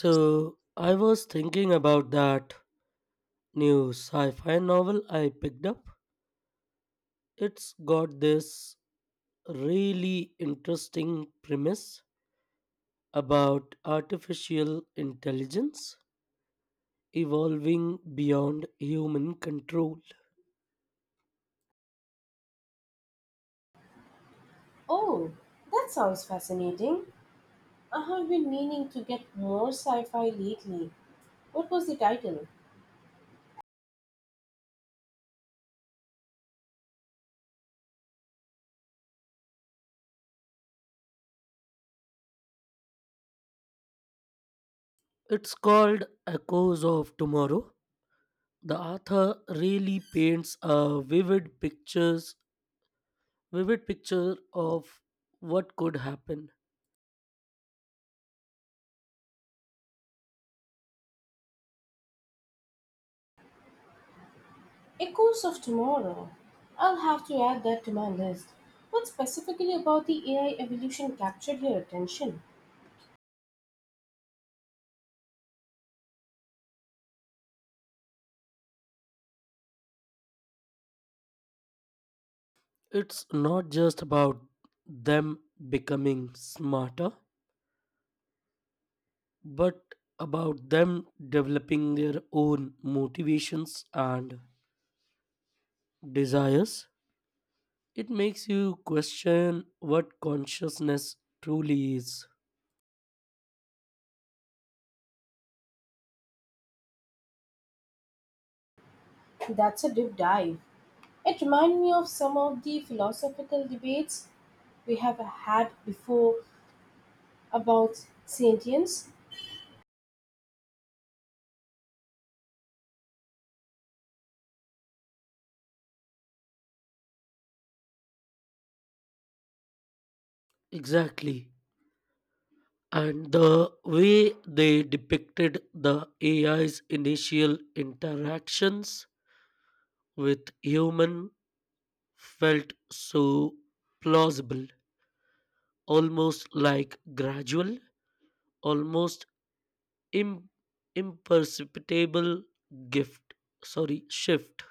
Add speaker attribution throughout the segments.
Speaker 1: So, I was thinking about that new sci fi novel I picked up. It's got this really interesting premise about artificial intelligence evolving beyond human control.
Speaker 2: Oh, that sounds fascinating. I have been meaning to get more sci fi lately. What was the title?
Speaker 1: It's called Echoes of Tomorrow. The author really paints a vivid picture of what could happen.
Speaker 2: Echoes of Tomorrow. I'll have to add that to my list. What specifically about the AI evolution captured your attention?
Speaker 1: It's not just about them becoming smarter, but about them developing their own motivations and desires. It makes you question what consciousness truly is.
Speaker 2: That's a deep dive. It reminded me of some of the philosophical debates we have had before about sentience.
Speaker 1: Exactly. And the way they depicted the AI's initial interactions with human felt so plausible, almost like gradual almost Im- imperceptible gift sorry shift.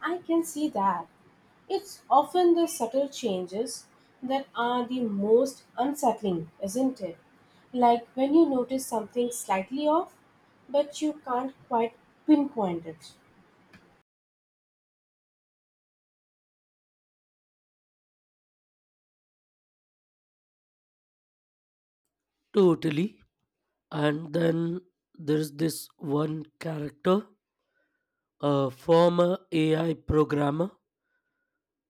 Speaker 2: I can see that. It's often the subtle changes that are the most unsettling, isn't it? Like when you notice something slightly off, but you can't quite pinpoint it.
Speaker 1: Totally. And then there's this one character, a former AI programmer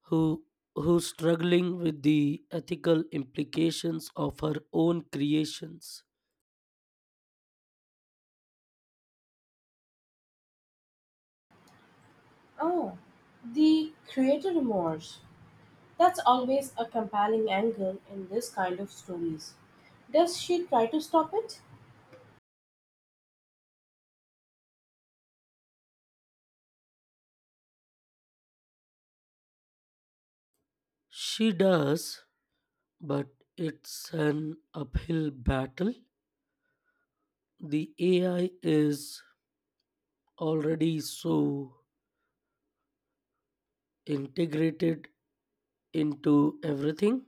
Speaker 1: who who's struggling with the ethical implications of her own creations.
Speaker 2: Oh, the creator remorse. That's always a compelling angle in this kind of stories. Does she try to stop it?
Speaker 1: She does, but it's an uphill battle. The AI is already so integrated into everything.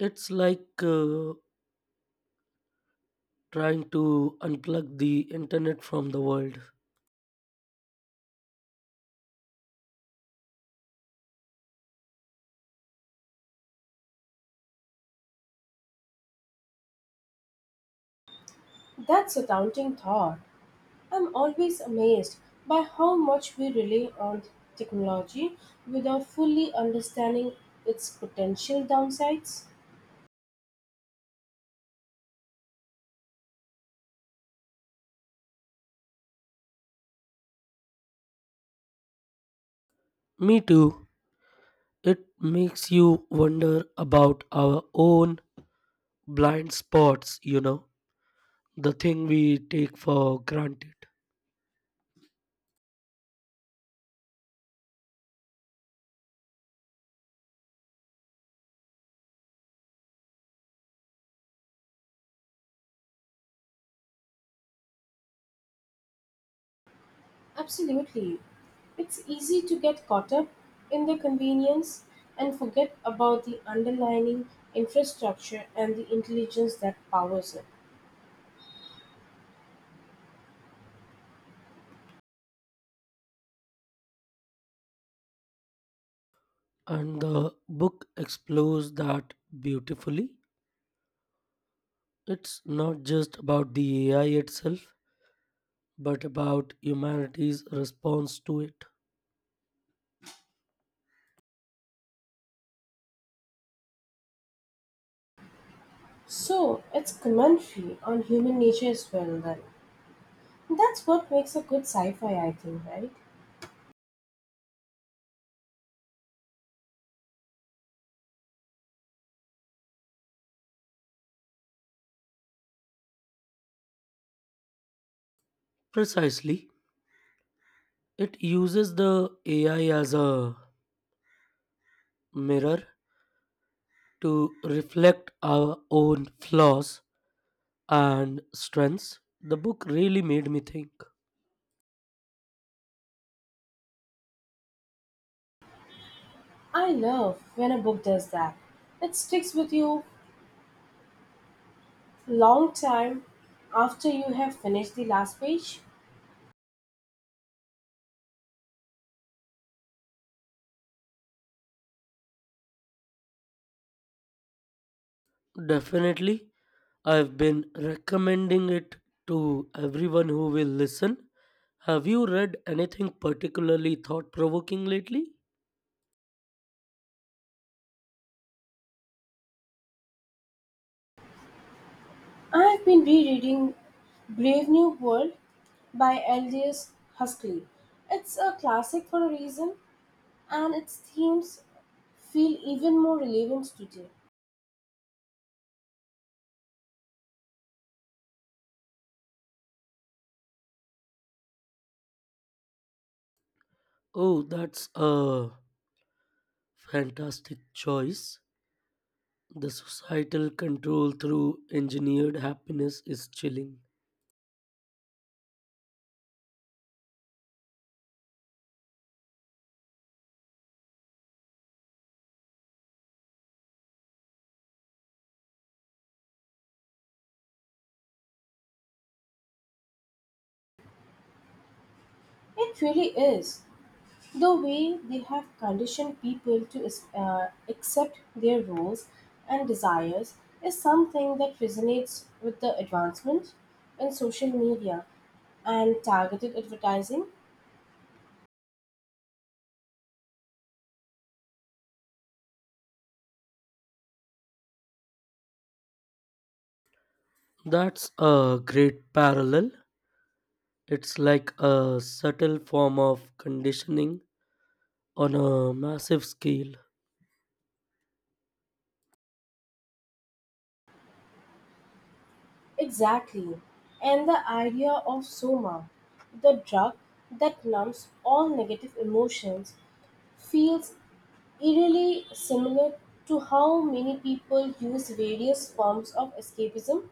Speaker 1: It's like trying to unplug the internet from the world.
Speaker 2: That's a daunting thought. I'm always amazed by how much we rely on technology without fully understanding its potential downsides.
Speaker 1: Me too. It makes you wonder about our own blind spots, the thing we take for granted.
Speaker 2: Absolutely. It's easy to get caught up in the convenience and forget about the underlying infrastructure and the intelligence that powers it.
Speaker 1: And the book explores that beautifully. It's not just about the AI itself, but about humanity's response to it.
Speaker 2: So, it's commentary on human nature as well, then. That's what makes a good sci fi, I think, right?
Speaker 1: Precisely. It uses the AI as a mirror to reflect our own flaws and strengths. The book really made me think.
Speaker 2: I love when a book does that. It sticks with you long time after you have finished the last page.
Speaker 1: Definitely, I've been recommending it to everyone who will listen. Have you read anything particularly thought provoking lately?
Speaker 2: I have been rereading Brave New World by Aldous Huxley. It's a classic for a reason, and its themes feel even more relevant today.
Speaker 1: Oh, that's a fantastic choice. The societal control through engineered happiness is chilling.
Speaker 2: It really is. The way they have conditioned people to accept their roles and desires is something that resonates with the advancement in social media and targeted advertising.
Speaker 1: That's a great parallel. It's like a subtle form of conditioning on a massive scale.
Speaker 2: Exactly. And the idea of soma, the drug that numbs all negative emotions, feels eerily similar to how many people use various forms of escapism.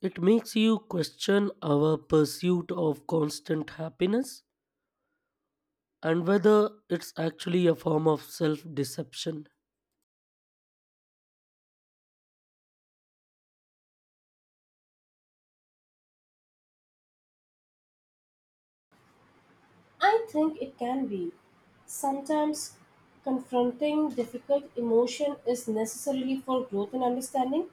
Speaker 1: It makes you question our pursuit of constant happiness and whether it's actually a form of self deception.
Speaker 2: I think it can be. Sometimes confronting difficult emotion is necessarily for growth and understanding.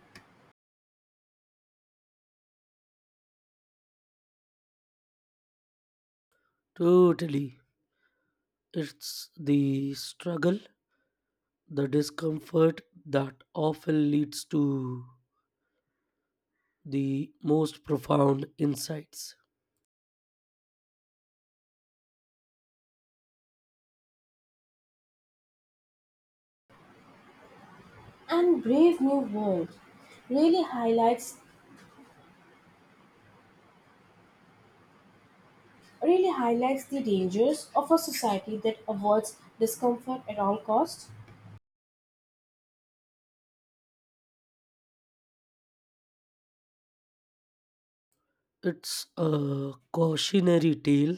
Speaker 1: Totally. It's the struggle, the discomfort that often leads to the most profound insights.
Speaker 2: And Brave New World really highlights really highlights the dangers of a society that avoids discomfort at all costs.
Speaker 1: It's a cautionary tale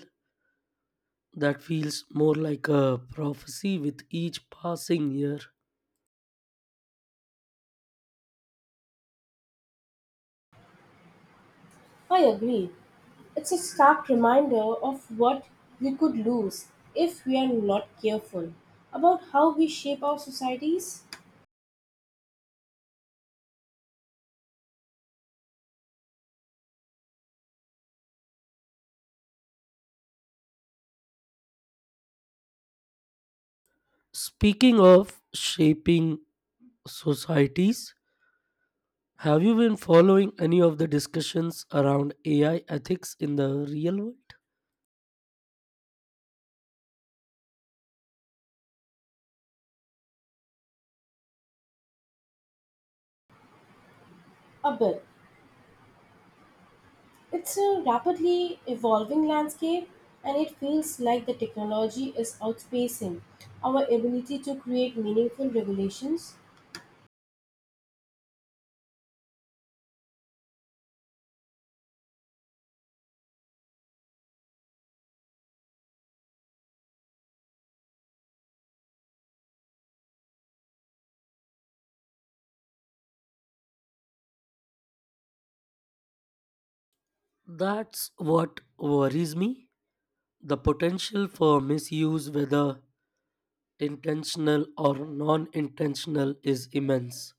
Speaker 1: that feels more like a prophecy with each passing year.
Speaker 2: I agree. It's a stark reminder of what we could lose if we are not careful about how we shape our societies.
Speaker 1: Speaking of shaping societies, have you been following any of the discussions around AI ethics in the real world?
Speaker 2: A bit. It's a rapidly evolving landscape, and it feels like the technology is outpacing our ability to create meaningful regulations.
Speaker 1: That's what worries me. The potential for misuse, whether intentional or non intentional, is immense.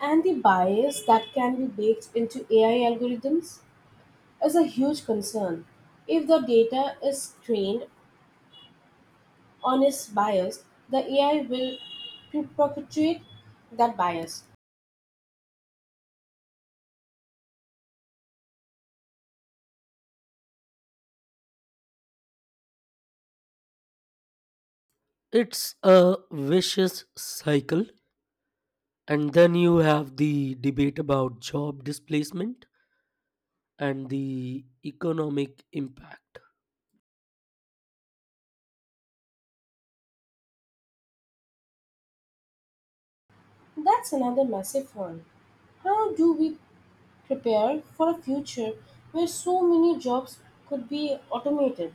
Speaker 2: And the bias that can be baked into AI algorithms is a huge concern. If the data is trained on is bias, the AI will perpetuate that bias.
Speaker 1: It's a vicious cycle. And then you have the debate about job displacement, and the economic impact.
Speaker 2: That's another massive one. How do we prepare for a future where so many jobs could be automated?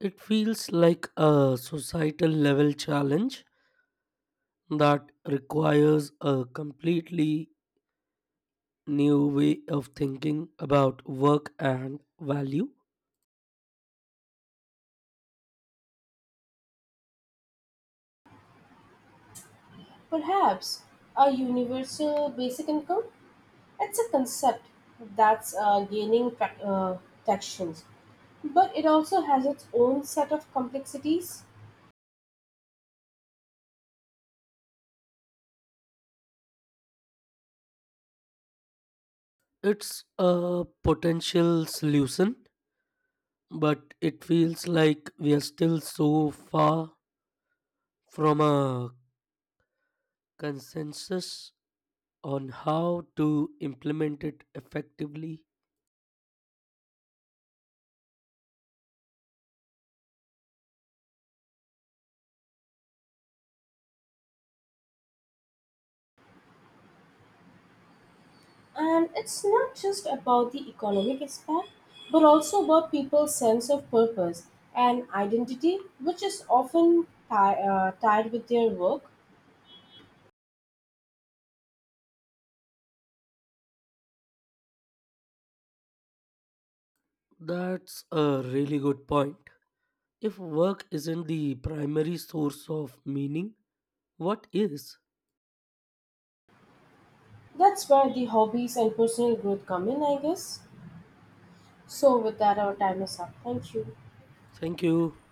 Speaker 1: It feels like a societal level challenge that requires a completely new way of thinking about work and value.
Speaker 2: Perhaps a universal basic income? It's a concept that's gaining traction, but it also has its own set of complexities.
Speaker 1: It's a potential solution, but it feels like we are still so far from a consensus on how to implement it effectively.
Speaker 2: And it's not just about the economic aspect, but also about people's sense of purpose and identity, which is often tied with their work.
Speaker 1: That's a really good point. If work isn't the primary source of meaning, what is?
Speaker 2: That's where the hobbies and personal growth come in, I guess. So, with that, our time is up. Thank you.
Speaker 1: Thank you.